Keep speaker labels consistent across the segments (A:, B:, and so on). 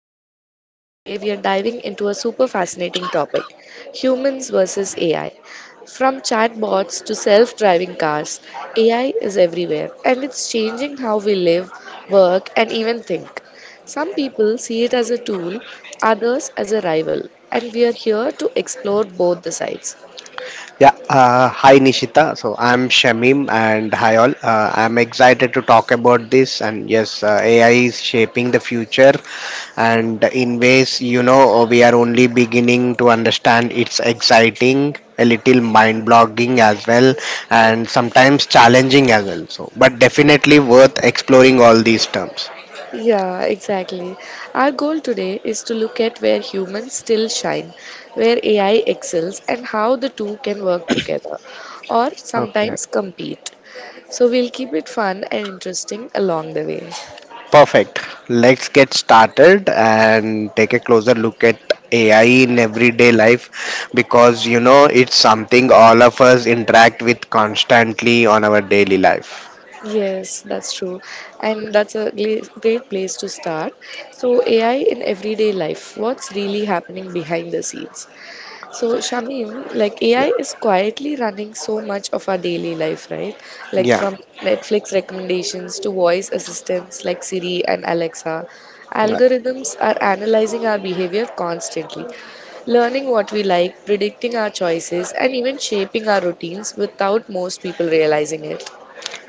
A: Nishita and today we are diving into a super fascinating topic, humans versus AI. From chatbots to self driving cars, AI is everywhere and it's changing how we live, work, and even think. Some people see it as a tool, others as a rival, and we are here to explore both the sides.
B: Yeah, Hi Nishita. So I'm Shamim and hi all. I'm excited to talk about this. And yes, AI is shaping the future and in ways we are only beginning to understand. It's exciting, a little mind-blogging as well, and sometimes challenging as well. So but definitely worth exploring all these terms.
A: Yeah, exactly. Our goal today is to look at where humans still shine, where AI excels, and how the two can work together or
B: Okay.
A: sometimes compete. So we'll keep it fun and interesting along the way.
B: Perfect. Let's get started and take a closer look at AI in everyday life, because it's something all of us interact with constantly on our daily life.
A: Yes, that's true. And that's a great place to start. So, AI in everyday life, what's really happening behind the scenes? So, Shamim, like AI is quietly running so much of our daily life, right? Like
B: Yeah.
A: from Netflix recommendations to voice assistants like Siri and Alexa,
B: Yeah.
A: algorithms are analyzing our behavior constantly, learning what we like, predicting our choices, and even shaping our routines without most people realizing it.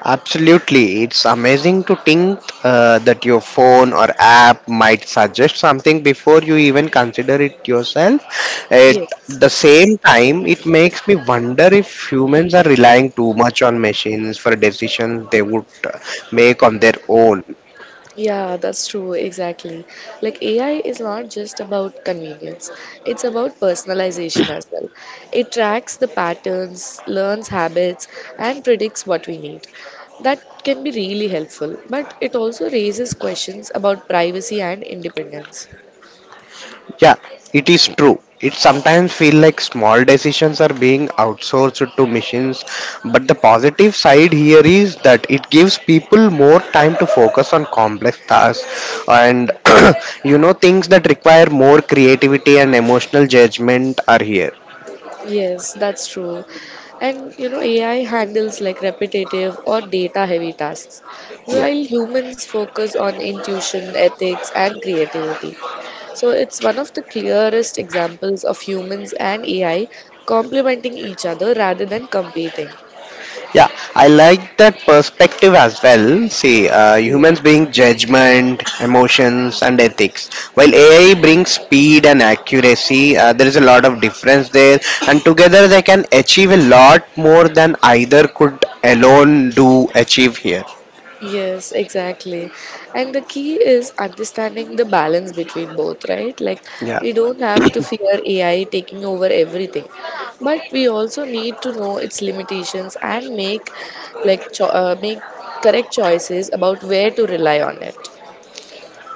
B: Absolutely, it's amazing to think that your phone or app might suggest something before you even consider it yourself. At
A: Yes.
B: the same time, it makes me wonder if humans are relying too much on machines for decisions they would make on their own.
A: Yeah, that's true, exactly. Like AI is not just about convenience, it's about personalization as well. It tracks the patterns, learns habits, and predicts what we need. That can be really helpful, but it also raises questions about privacy and independence.
B: Yeah, it is true. It sometimes feel like small decisions are being outsourced to machines, but the positive side here is that it gives people more time to focus on complex tasks and things that require more creativity and emotional judgment are here.
A: Yes, that's true. And you know, AI handles like repetitive or data heavy tasks,
B: Yeah.
A: while humans focus on intuition, ethics, and creativity. So it's one of the clearest examples of humans and AI complementing each other rather than competing.
B: Yeah, I like that perspective as well. See, humans bring judgment, emotions, and ethics. While AI brings speed and accuracy, there is a lot of difference there, and together they can achieve a lot more than either could alone do achieve here.
A: Yes, exactly. And the key is understanding the balance between both, right? Like,
B: Yeah.
A: we don't have to fear AI taking over everything, but we also need to know its limitations and make like make correct choices about where to rely on it.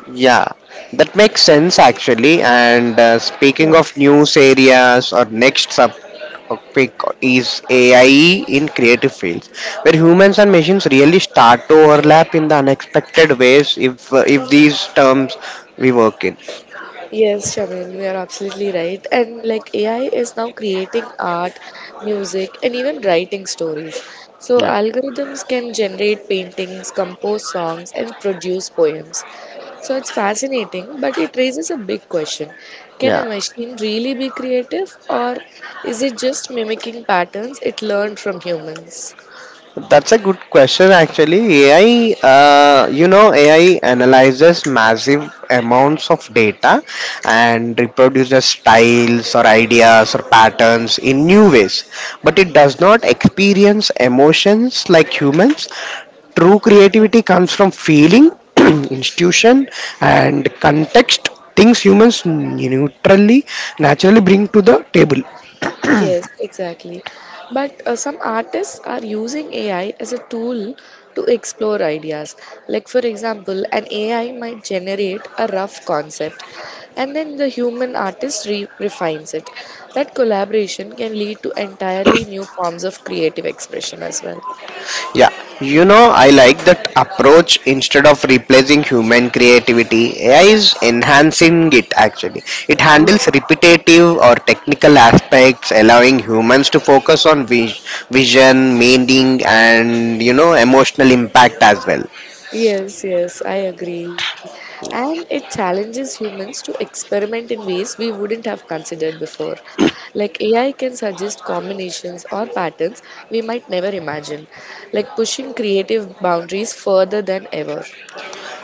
B: Yeah, that makes sense actually. And speaking
A: Yeah.
B: of news areas, or next subtopic is AI in creative fields, where humans and machines really start to overlap in the unexpected ways. If these terms we work in.
A: Yes, Shamim, you are absolutely right. And like AI is now creating art, music, and even writing stories. So
B: Yeah.
A: algorithms can generate paintings, compose songs, and produce poems. So it's fascinating, but it raises a big question. Can
B: Yeah.
A: a machine really be creative, or is it just mimicking patterns it learned from humans?
B: That's a good question, actually. AI analyzes massive amounts of data and reproduces styles or ideas or patterns in new ways, but it does not experience emotions like humans. True creativity comes from feeling, institution, and context, things humans naturally bring to the table.
A: Yes, exactly. But some artists are using AI as a tool to explore ideas. Like, for example, an AI might generate a rough concept and then the human artist refines it. That collaboration can lead to entirely new forms of creative expression as well.
B: Yeah, I like that approach. Instead of replacing human creativity, AI is enhancing it actually. It handles
A: Yes.
B: repetitive or technical aspects, allowing humans to focus on vision, meaning, and emotional impact as well.
A: Yes, I agree. And it challenges humans to experiment in ways we wouldn't have considered before. Like AI can suggest combinations or patterns we might never imagine, like pushing creative boundaries further than ever.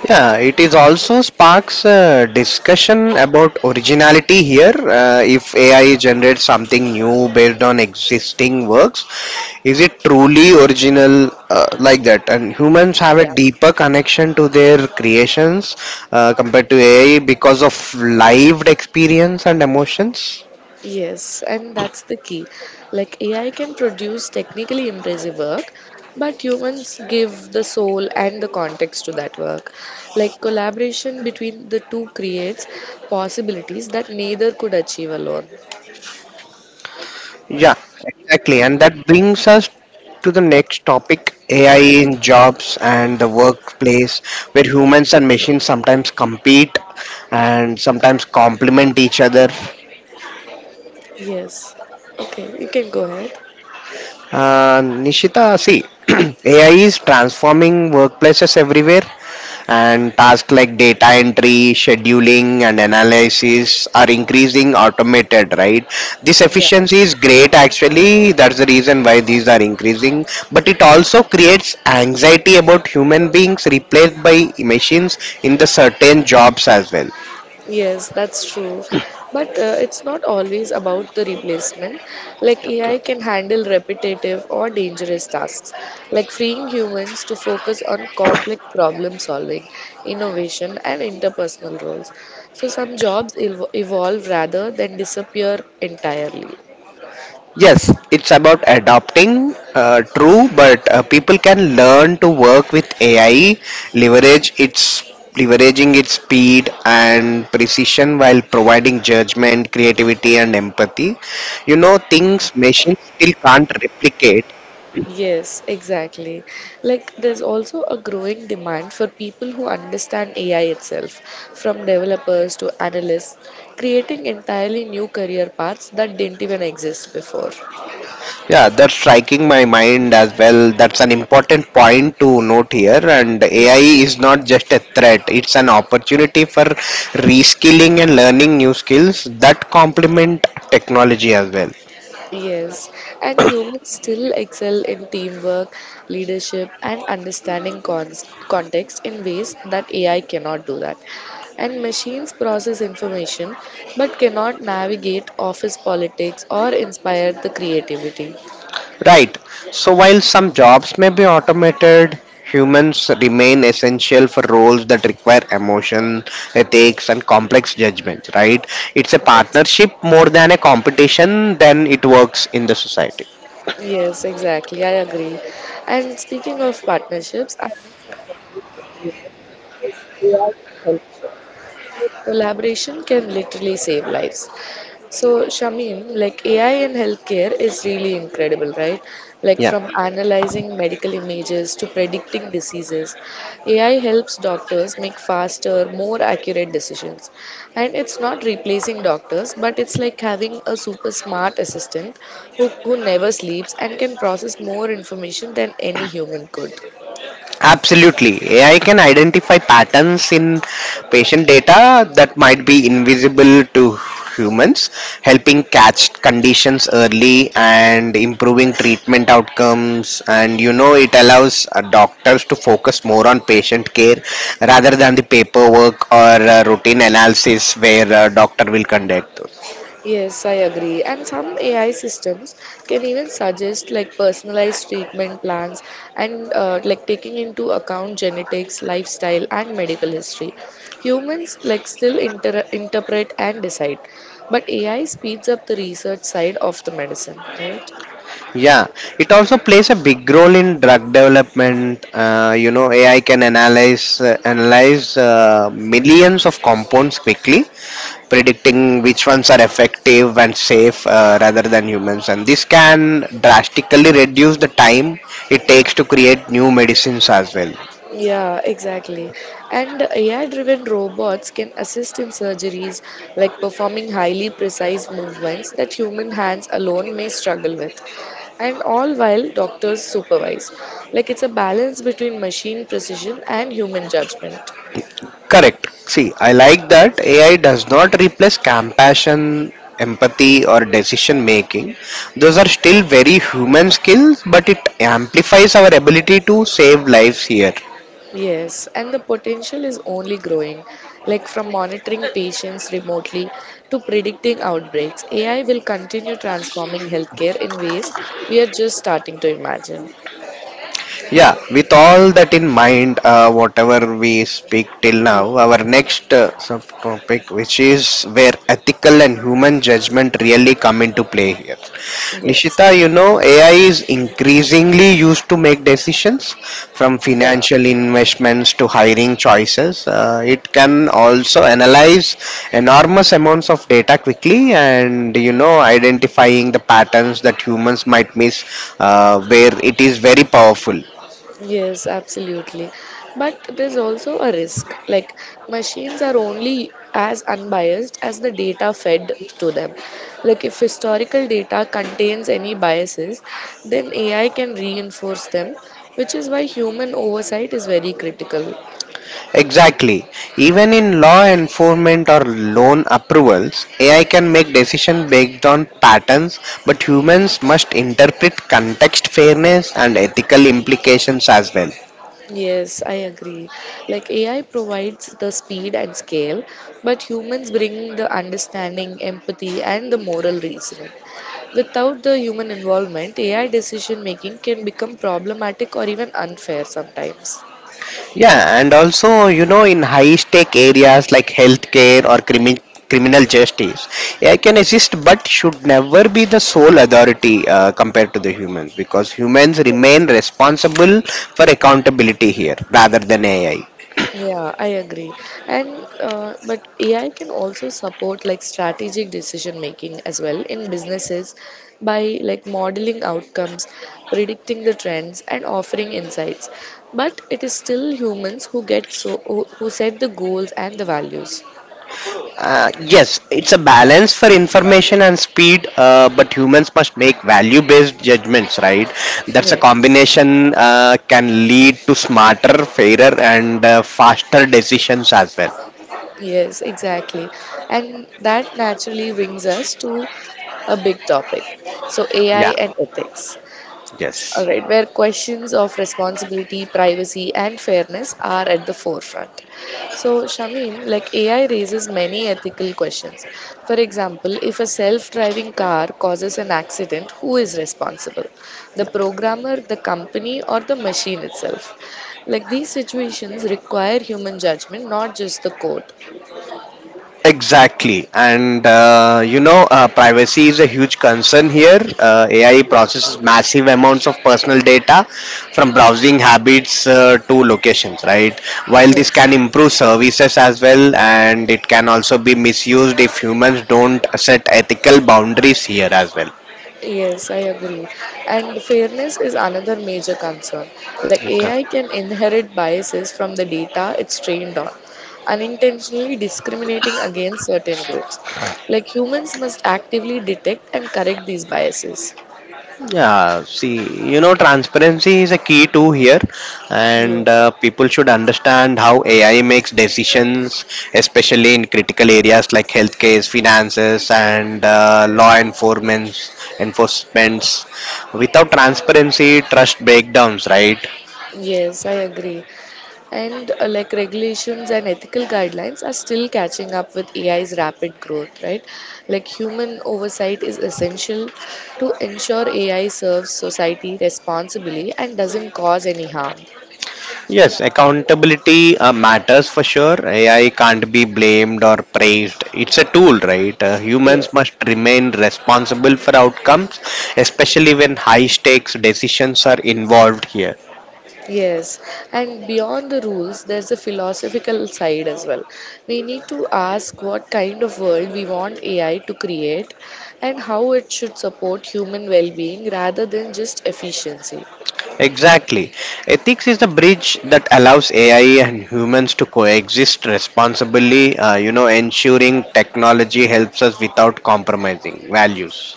B: Yeah, it is also sparks discussion about originality here. If AI generates something new based on existing works, is it truly original like that? And humans have a
A: Yeah.
B: deeper connection to their creations compared to AI because of lived experience and emotions.
A: Yes, and that's the key. Like AI can produce technically impressive work, but humans give the soul and the context to that work. Like collaboration between the two creates possibilities that neither could achieve alone.
B: Yeah, exactly. And that brings us to the next topic, AI in jobs and the workplace, where humans and machines sometimes compete and sometimes complement each other.
A: Yes. Okay, you can go ahead.
B: Nishita, see, AI is transforming workplaces everywhere, and tasks like data entry, scheduling, and analysis are increasing automated, right? This
A: Yeah.
B: efficiency is great, actually. That's the reason why these are increasing, but it also creates anxiety about human beings replaced by machines in the certain jobs as well.
A: Yes, that's true. But it's not always about the replacement. Like AI can handle repetitive or dangerous tasks, like freeing humans to focus on complex problem solving, innovation, and interpersonal roles. So some jobs evolve rather than disappear entirely.
B: Yes, it's about adopting. True, but people can learn to work with AI, leverage its leveraging its speed and precision while providing judgment, creativity, and empathy. Things machines still can't replicate.
A: Yes, exactly. Like, there's also a growing demand for people who understand AI itself, from developers to analysts, creating entirely new career paths that didn't even exist before.
B: Yeah, that's striking my mind as well. That's an important point to note here. And
A: Yeah.
B: AI is not just a threat, it's an opportunity for reskilling and learning new skills that complement technology as well.
A: Yes, and humans still excel in teamwork, leadership, and understanding context in ways that AI cannot do that. And machines process information but cannot navigate office politics or inspire the creativity.
B: Right. So while some jobs may be automated, humans remain essential for roles that require emotion, ethics, and complex judgments, right? It's a
A: Yes,
B: partnership more than a competition, then it works in the society.
A: yes, exactly. I agree. And speaking of partnerships, I think AI can Collaboration can literally save lives. So, Shamim, like AI in healthcare is really incredible, right? Like
B: Yeah.
A: from analyzing medical images to predicting diseases, AI helps doctors make faster, more accurate decisions. And it's not replacing doctors, but it's like having a super smart assistant who never sleeps and can process more information than any human could.
B: Absolutely. AI can identify patterns in patient data that might be invisible to humans, helping catch conditions early and improving treatment outcomes. And it allows doctors to focus more on patient care rather than the paperwork or routine analysis where a doctor will conduct.
A: Yes, I agree. And some AI systems can even suggest like personalized treatment plans and like taking into account genetics, lifestyle, and medical history. Humans like still interpret and decide, but AI speeds up the research side of the medicine, right?
B: Yeah, it also plays a big role in drug development. AI can analyze millions of compounds quickly, predicting which ones are effective and safe rather than humans. And this can drastically reduce the time it takes to create new medicines as well.
A: Yeah, exactly. And AI driven robots can assist in surgeries like performing highly precise movements that human hands alone may struggle with. And all while doctors supervise. Like it's a balance between machine precision and human judgment.
B: Correct. See, I like that AI does not replace compassion, empathy, or decision making. Those are still very human skills, but it amplifies our ability to save lives here.
A: Yes, and the potential is only growing. Like from monitoring patients remotely to predicting outbreaks, AI will continue transforming healthcare in ways we are just starting to imagine.
B: Yeah, with all that in mind, whatever we speak till now, our next subtopic, which is where ethical and human judgment really come into play here.
A: Yes.
B: Nishita, AI is increasingly used to make decisions from
A: Yeah.
B: financial investments to hiring choices. It can also analyze enormous amounts of data quickly and, identifying the patterns that humans might miss, where it is very powerful.
A: Yes, absolutely. But there's also a risk. Like machines are only as unbiased as the data fed to them. Like if historical data contains any biases, then AI can reinforce them, which is why human oversight is very critical.
B: Exactly. Even in law enforcement or loan approvals, AI can make decisions based on patterns, but humans must interpret context, fairness, and ethical implications as well.
A: Yes, I agree. Like AI provides the speed and scale, but humans bring the understanding, empathy, and the moral reasoning. Without the human involvement, AI decision making can become problematic or even unfair sometimes.
B: Yeah, and also, in high stake areas like healthcare or criminal justice, AI can assist but should never be the sole authority compared to the humans, because humans remain responsible for accountability here rather than AI.
A: Yeah, I agree. And but AI can also support like strategic decision making as well in businesses by like modeling outcomes, predicting the trends, and offering insights. But it is still humans who who set the goals and the values.
B: Yes, it's a balance for information and speed, but humans must make value based judgments, right? That's a
A: Yes,
B: combination can lead to smarter, fairer, and faster decisions as well.
A: yes, exactly. And that naturally brings us to a big topic. So AI
B: Yeah,
A: and ethics. All
B: yes.
A: right, where questions of responsibility, privacy, and fairness are at the forefront. So, Shamin, like AI raises many ethical questions. For example, if a self driving car causes an accident, who is responsible? The programmer, the company, or the machine itself? Like these situations require human judgment, not just the code.
B: Exactly, and privacy is a huge concern here. AI processes massive amounts of personal data from browsing habits to locations, right? While this
A: Yes.
B: can improve services as well, and it can also be misused if humans don't set ethical boundaries here as well.
A: Yes, I agree. And fairness is another major concern. Like AI
B: Okay.
A: can inherit biases from the data it's trained on, unintentionally discriminating against certain groups. Like humans must actively detect and correct these biases.
B: Yeah, see, transparency is a key too here, and
A: Yes,
B: people should understand how AI makes decisions, especially in critical areas like healthcare, finances, and law enforcement enforcements. Without transparency, trust breakdowns, right?
A: yes, I agree. And like regulations and ethical guidelines are still catching up with AI's rapid growth, right? Like human oversight is essential to ensure AI serves society responsibly and doesn't cause any harm.
B: Yes, accountability matters for sure. AI can't be blamed or praised. It's a tool, right?
A: Yeah.
B: Humans must remain responsible for outcomes, especially when high stakes decisions are involved here.
A: Yes, and beyond the rules, there's a philosophical side as well. We need to ask what kind of world we want AI to create and how it should support human well being rather than just efficiency.
B: Exactly. Ethics is the bridge that allows AI and humans to coexist responsibly, ensuring technology helps us without compromising values.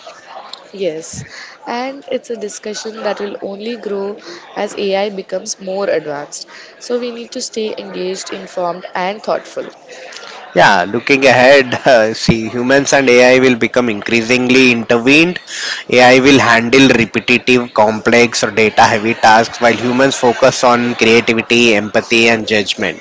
A: Yes, and it's a discussion that will only grow as AI becomes more advanced. So we need to stay engaged, informed, and thoughtful.
B: Yeah, looking ahead, see, humans and AI will become increasingly intervened. AI will handle repetitive, complex, or data heavy tasks while humans focus on creativity, empathy, and judgment.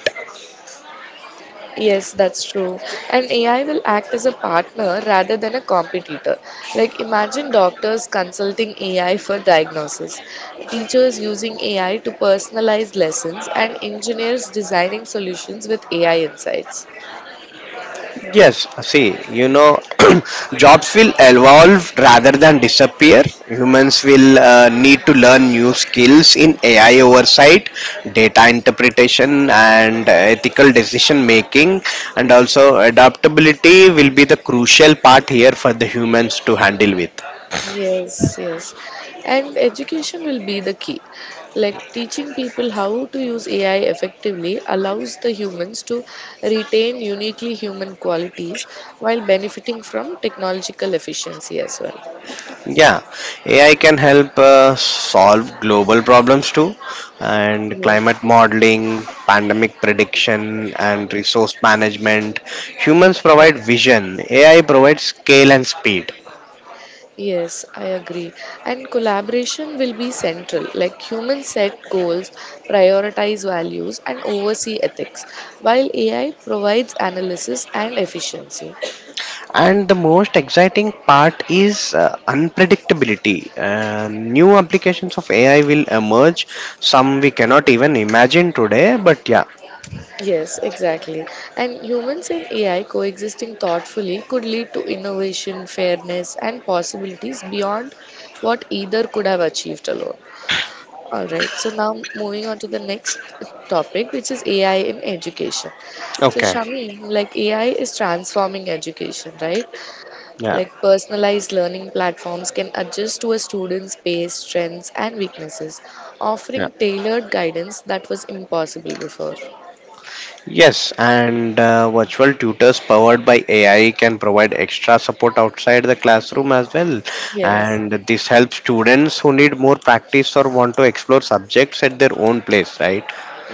A: Yes, that's true. And AI will act as a partner rather than a competitor. Like imagine doctors consulting AI for diagnosis, teachers using AI to personalize lessons, and engineers designing solutions with AI insights.
B: Yes, see, jobs will evolve rather than disappear. Humans will need to learn new skills in AI oversight, data interpretation, and ethical decision making. And also, adaptability will be the crucial part here for the humans to handle with.
A: Yes, yes. And education will be the key. Like teaching people how to use AI effectively allows the humans to retain uniquely human qualities while benefiting from technological efficiency as well.
B: Yeah, AI can help solve global problems too, and
A: Yes.
B: climate modeling, pandemic prediction, and resource management. Humans provide vision, AI provides scale and speed.
A: Yes, I agree. And collaboration will be central. Like humans set goals, prioritize values, and oversee ethics, while AI provides analysis and efficiency.
B: And the most exciting part is unpredictability. New applications of AI will emerge, some we cannot even imagine today, but yeah,
A: Yes, exactly. And humans and AI coexisting thoughtfully could lead to innovation, fairness, and possibilities beyond what either could have achieved alone. All right, so now moving on to the next topic, which is AI in education. So,
B: okay,
A: Shamim, like AI is transforming education, right?
B: yeah,
A: Like personalized learning platforms can adjust to a student's pace, strengths, and weaknesses,
B: yeah.
A: offering tailored guidance that was impossible before.
B: Yes, and virtual tutors powered by AI can provide extra support outside the classroom as well.
A: Yes.
B: And this helps students who need more practice or want to explore subjects at their own place, right?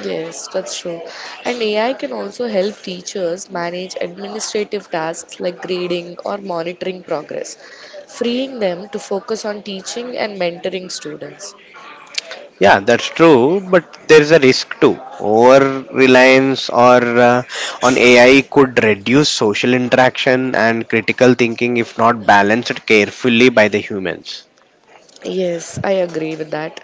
A: Yes, that's true. And AI can also help teachers manage administrative tasks like grading or monitoring progress, freeing them to focus on teaching and mentoring students.
B: Yeah, that's true, but there is a risk too. Over reliance or on AI could reduce social interaction and critical thinking if not balanced carefully by the humans.
A: Yes, I agree with that.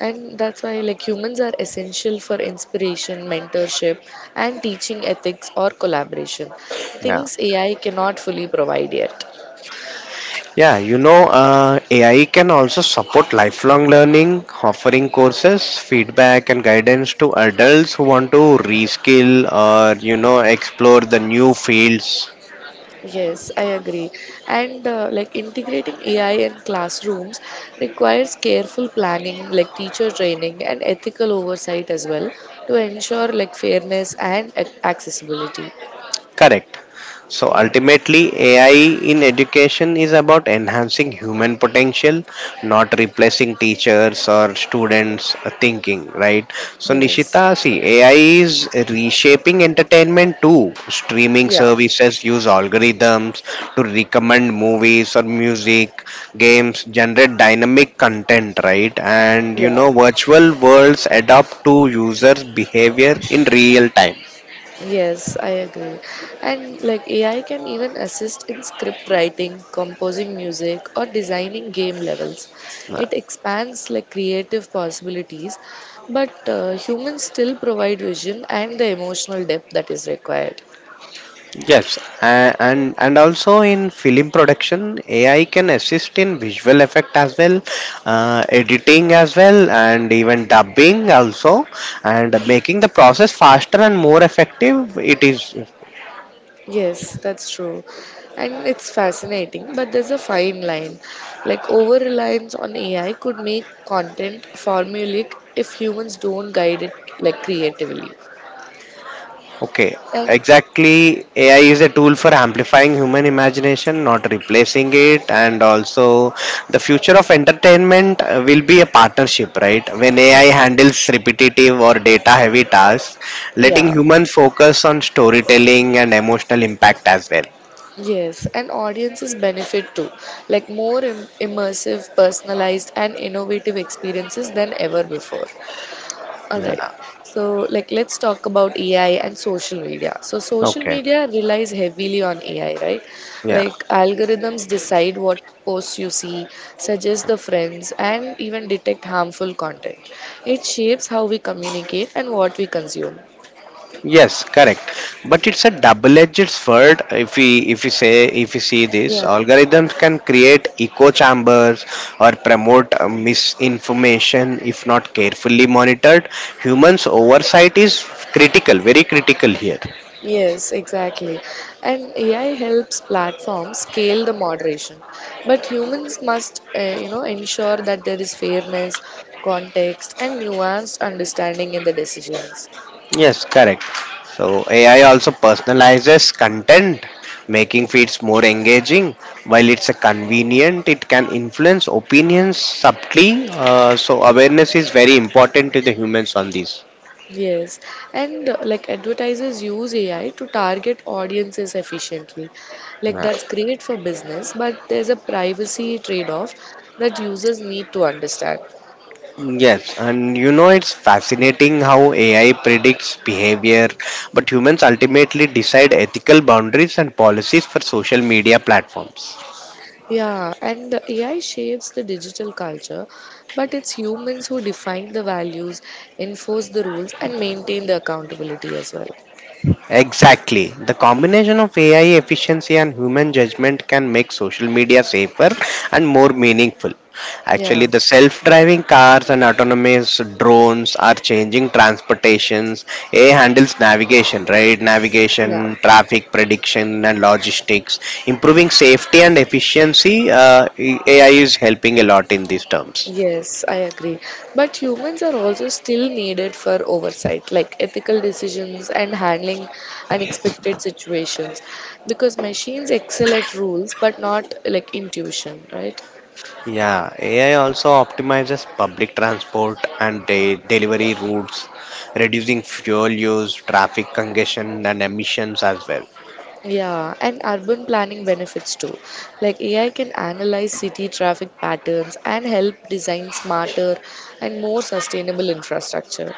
A: And that's why like humans are essential for inspiration, mentorship and teaching ethics or collaboration.
B: Yeah.
A: Things AI cannot fully provide yet.
B: Yeah, AI can also support lifelong learning, offering courses, feedback, and guidance to adults who want to reskill or, explore the new fields.
A: Yes, I agree. And like integrating AI in classrooms requires careful planning, like teacher training and ethical oversight as well to ensure like fairness and accessibility.
B: Correct. So
A: Yeah.
B: ultimately, AI in education is about enhancing human potential, not replacing teachers or students' thinking, right? So,
A: Yes.
B: Nishita, see, AI is reshaping entertainment too. Streaming
A: Yeah.
B: services use algorithms to recommend movies or music, games, generate dynamic content, right? And
A: Yeah.
B: virtual worlds adapt to users' behavior in real time.
A: Yes, I agree. And like AI can even assist in script writing, composing music, or designing game levels. It expands like creative possibilities, but humans still provide vision and the emotional depth that is required.
B: Yes, and also in film production, AI can assist in visual effect as well, editing as well, and even dubbing also, and making the process faster and more effective. It is.
A: Yes, that's true. And it's fascinating, but there's a fine line. Like over reliance on AI could make content formulaic if humans don't guide it like creatively.
B: Okay,
A: And
B: exactly. AI is a tool for amplifying human imagination, not replacing it. And also, the future of entertainment will be a partnership, right? When AI
A: yes.
B: handles repetitive or data heavy tasks, letting
A: Yeah,
B: humans focus on storytelling and emotional impact as well.
A: yes, and audiences benefit too, like more immersive, personalized, and innovative experiences than ever before. All
B: Yeah.
A: right, so like let's talk about AI and social media. So social
B: Okay,
A: media relies heavily on AI, right?
B: yeah.
A: Like algorithms decide what posts you see, suggest the friends, and even detect harmful content. It shapes how we communicate and what we consume.
B: Yes, correct. But it's a double-edged sword. If we if you say if you see this,
A: Yeah.
B: algorithms can create echo chambers or promote misinformation if not carefully monitored. Humans' oversight is critical, very critical here.
A: Yes, exactly. And AI helps platforms scale the moderation, but humans must, you know, ensure that there is fairness, context, and nuanced understanding in the decisions.
B: Yes, correct. So AI also personalizes content, making feeds more engaging. While it's a convenient, it can influence opinions subtly. So awareness is very important to the humans on this.
A: Yes, and like advertisers use AI to target audiences efficiently. Like
B: Yeah.
A: that's great for business, but there's a privacy trade-off that users need to understand.
B: Yes, and it's fascinating how AI predicts behavior, but humans ultimately decide ethical boundaries and policies for social media platforms.
A: Yeah, and the AI shapes the digital culture, but it's humans who define the values, enforce the rules, and maintain the accountability as well.
B: Exactly. The combination of AI efficiency and human judgment can make social media safer and more meaningful. Actually,
A: Yeah,
B: the self driving cars and autonomous drones are changing transportations. AI handles navigation, right?
A: yeah,
B: Navigation, traffic prediction, and logistics. Improving safety and efficiency, AI is helping a lot in these terms.
A: yes, I agree. But humans are also still needed for oversight, like ethical decisions and handling unexpected situations, because machines excel at rules but not like intuition, right?
B: Yeah, AI also optimizes public transport and delivery routes, reducing fuel use, traffic congestion, and emissions as well.
A: Yeah, and urban planning benefits too. Like AI can analyze city traffic patterns and help design smarter and more sustainable infrastructure.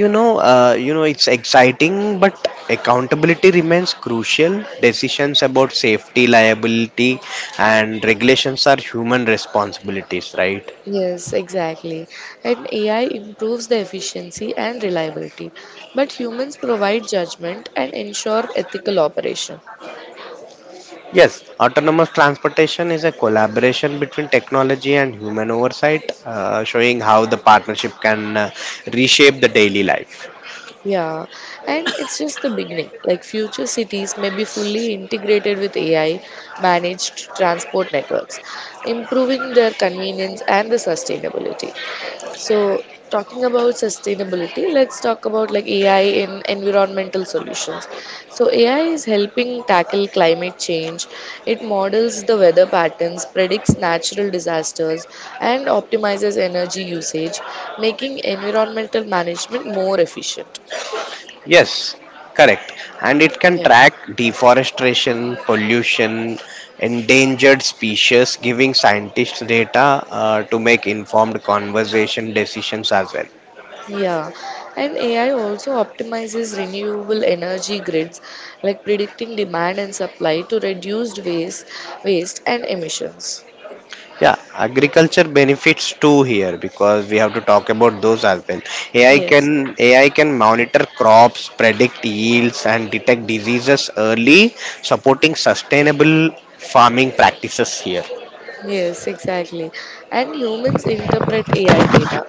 B: It's exciting, but accountability remains crucial. Decisions about safety, liability, and regulations are human responsibilities, right?
A: Yes, exactly. And AI improves the efficiency and reliability, but humans provide judgment and ensure ethical operation.
B: Yes, autonomous transportation is a collaboration between technology and human oversight, showing how the partnership can reshape the daily life.
A: Yeah, and it's just the beginning. Like future cities may be fully integrated with AI managed transport networks, improving their convenience and the sustainability. So, talking about sustainability, let's talk about like AI in environmental solutions. So, AI is helping tackle climate change. It models the weather patterns, predicts natural disasters, and optimizes energy usage, making environmental management more efficient.
B: Yes, correct. And it can
A: Yeah.
B: track deforestation, pollution, endangered species, giving scientists data to make informed conversation decisions as well.
A: Yeah, and AI also optimizes renewable energy grids, like predicting demand and supply to reduce waste and emissions.
B: Yeah, agriculture benefits too here because we have to talk about those as well. AI
A: Yes,
B: can AI can monitor crops, predict yields, and detect diseases early, supporting sustainable farming practices here.
A: yes, exactly. And humans interpret AI data,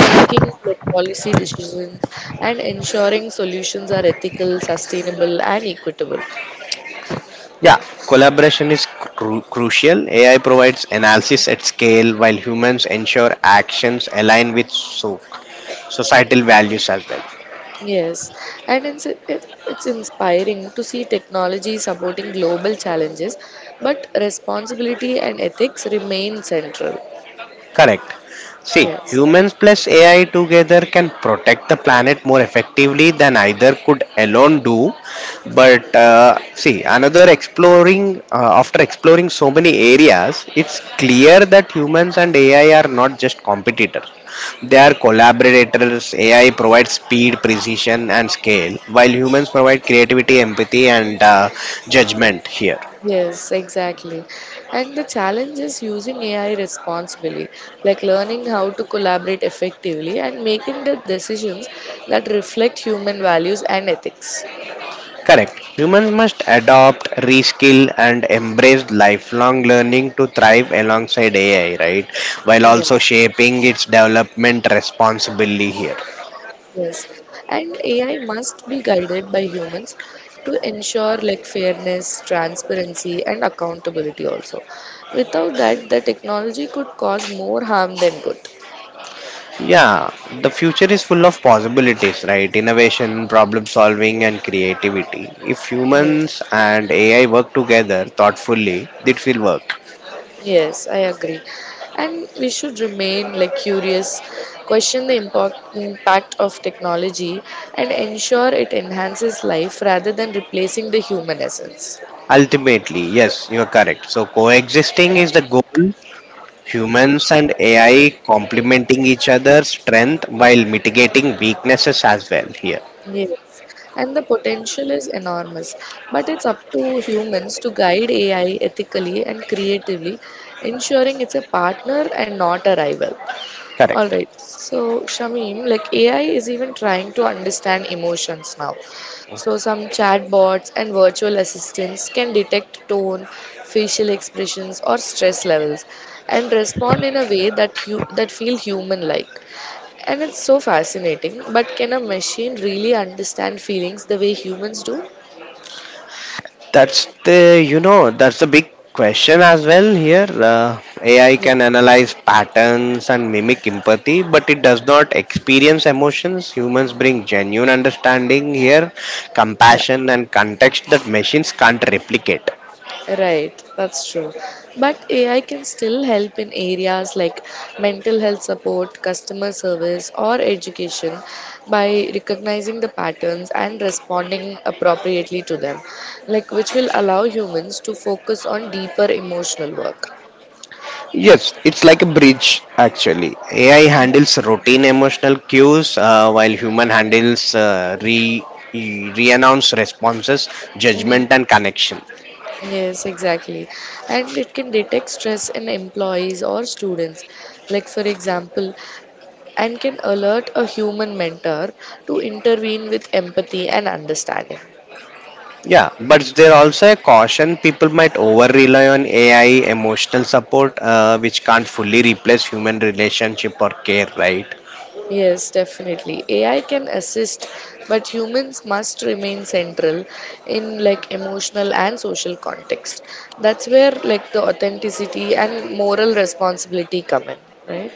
A: making like policy decisions and ensuring solutions are ethical, sustainable, and equitable.
B: Yeah, collaboration is crucial. AI provides analysis at scale while humans ensure actions align with societal values as well.
A: Yes, and it's inspiring to see technology supporting global challenges, but responsibility and ethics remain central.
B: Correct. See,
A: Yes.
B: humans plus AI together can protect the planet more effectively than either could alone do. But see, after exploring so many areas, it's clear that humans and AI are not just competitors. They are collaborators. AI provides speed, precision, and scale, while humans provide creativity, empathy, and judgment here.
A: Yes, exactly. And the challenge is using AI responsibly, like learning how to collaborate effectively and making the decisions that reflect human values and ethics.
B: Correct. Humans must adopt, reskill, and embrace lifelong learning to thrive alongside AI, right? While
A: Yeah.
B: also shaping its development responsibly here.
A: Yes, and AI must be guided by humans to ensure like fairness, transparency, and accountability also. Without that, the technology could cause more harm than good.
B: Yeah, the future is full of possibilities, right? Innovation, problem solving, and creativity. If
A: Yes,
B: humans and AI work together thoughtfully, it will work.
A: yes, I agree. And we should remain like curious, question the impact of technology, and ensure it enhances life rather than replacing the human essence.
B: Ultimately, yes, you are correct. So, coexisting is the goal. Humans and AI complementing each other's strength while mitigating weaknesses as well here.
A: Yes, and the potential is enormous, but it's up to humans to guide AI ethically and creatively, ensuring it's a partner and not a rival. All
B: Correct.
A: right. So, Shamim, like AI is even trying to understand emotions now. So, some chatbots and virtual assistants can detect tone, facial expressions, or stress levels, and respond in a way that that feel human-like. And it's so fascinating. But can a machine really understand feelings the way humans do?
B: That's the you know that's the big question as well here. AI
A: Yeah.
B: can analyze patterns and mimic empathy, but it does not experience emotions. Humans bring genuine understanding here,
A: Yeah.
B: compassion and context that machines can't replicate.
A: Right, that's true. But AI can still help in areas like mental health support, customer service, or education by recognizing the patterns and responding appropriately to them, like which will allow humans to focus on deeper emotional work.
B: Yes, it's like a bridge actually. AI handles routine emotional cues while human handles re-announce responses,
A: Mhm.
B: judgment, and connection.
A: Yes, exactly. And it can detect stress in employees or students, like for example, and can alert a human mentor to intervene with empathy and understanding.
B: Yeah, but there also a caution. People might over rely on AI emotional support, which can't fully replace human relationship or care. Right?
A: Yes, definitely. AI can assist, but humans must remain central in like emotional and social context. That's where like the authenticity and moral responsibility come in, right?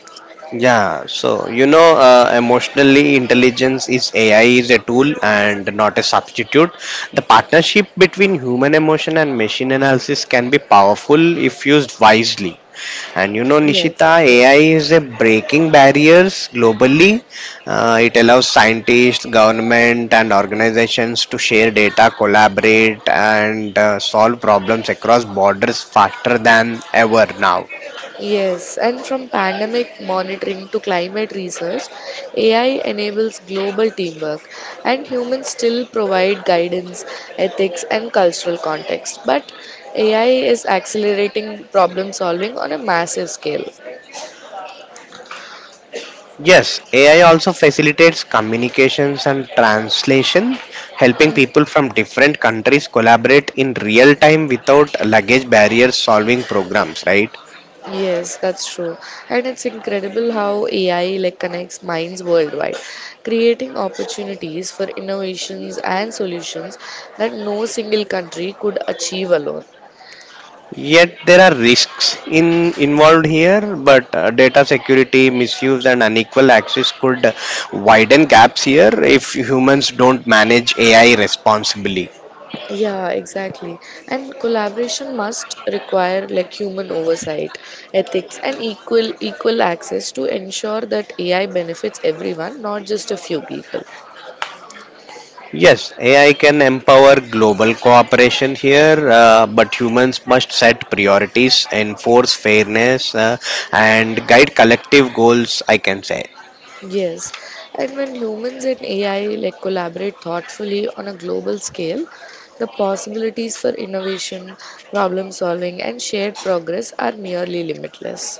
B: Yeah, so emotionally intelligence is AI is a tool and not a substitute. The partnership between human emotion and machine analysis can be powerful if used wisely. And you know,
A: Yes,
B: Nishita,
A: true.
B: AI is a breaking barriers globally. It allows scientists, government, and organizations to share data, collaborate, and solve problems across borders faster than ever now.
A: Yes, and from pandemic monitoring to climate research, AI enables global teamwork, and humans still provide guidance, ethics, and cultural context. But AI is accelerating problem solving on a massive scale.
B: Yes, AI also facilitates communications and translation, helping people from different countries collaborate in real time without luggage barriers solving programs, right?
A: Yes, that's true. And it's incredible how AI like connects minds worldwide, creating opportunities for innovations and solutions that no single country could achieve alone.
B: Yet there are risks in involved here, but data security, misuse, and unequal access could widen gaps here if humans don't manage AI responsibly.
A: Yeah, exactly. And collaboration must require like human oversight, ethics, and equal access to ensure that AI benefits everyone, not just a few people.
B: Yes, AI can empower global cooperation here, but humans must set priorities, enforce fairness, and guide collective goals, I can say.
A: Yes, and when humans and AI like collaborate thoughtfully on a global scale, the possibilities for innovation, problem solving, and shared progress are nearly limitless.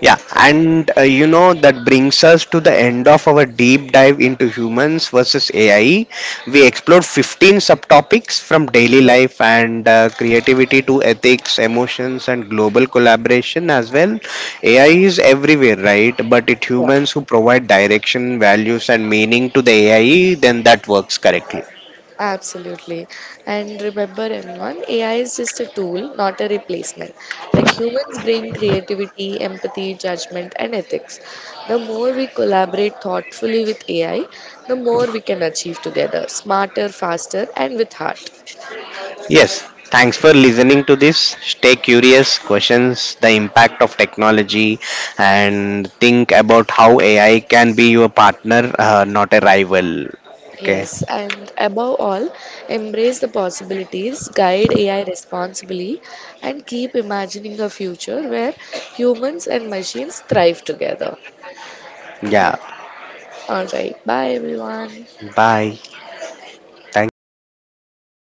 B: Yeah, and that brings us to the end of our deep dive into humans versus AI. We explored 15 subtopics from daily life
A: Yes,
B: and creativity to ethics, emotions, and global collaboration as well. AI is everywhere, right? But it
A: yeah.
B: humans who provide direction, values, and meaning to the AI, then that works correctly.
A: Absolutely. And remember, everyone, AI is just a tool, not a replacement. Like humans bring creativity, empathy, judgment, and ethics. The more we collaborate thoughtfully with AI, the more we can achieve together, smarter, faster, and with heart.
B: Yes, thanks for listening to this. Stay curious, questions the impact of technology, and think about how AI can be your partner, not a rival. Okay,
A: Yes, and above all, embrace the possibilities, guide AI responsibly, and keep imagining a future where humans and machines thrive together. Right?
B: yeah,
A: All right, bye everyone.
B: bye. Thank you, Nishita.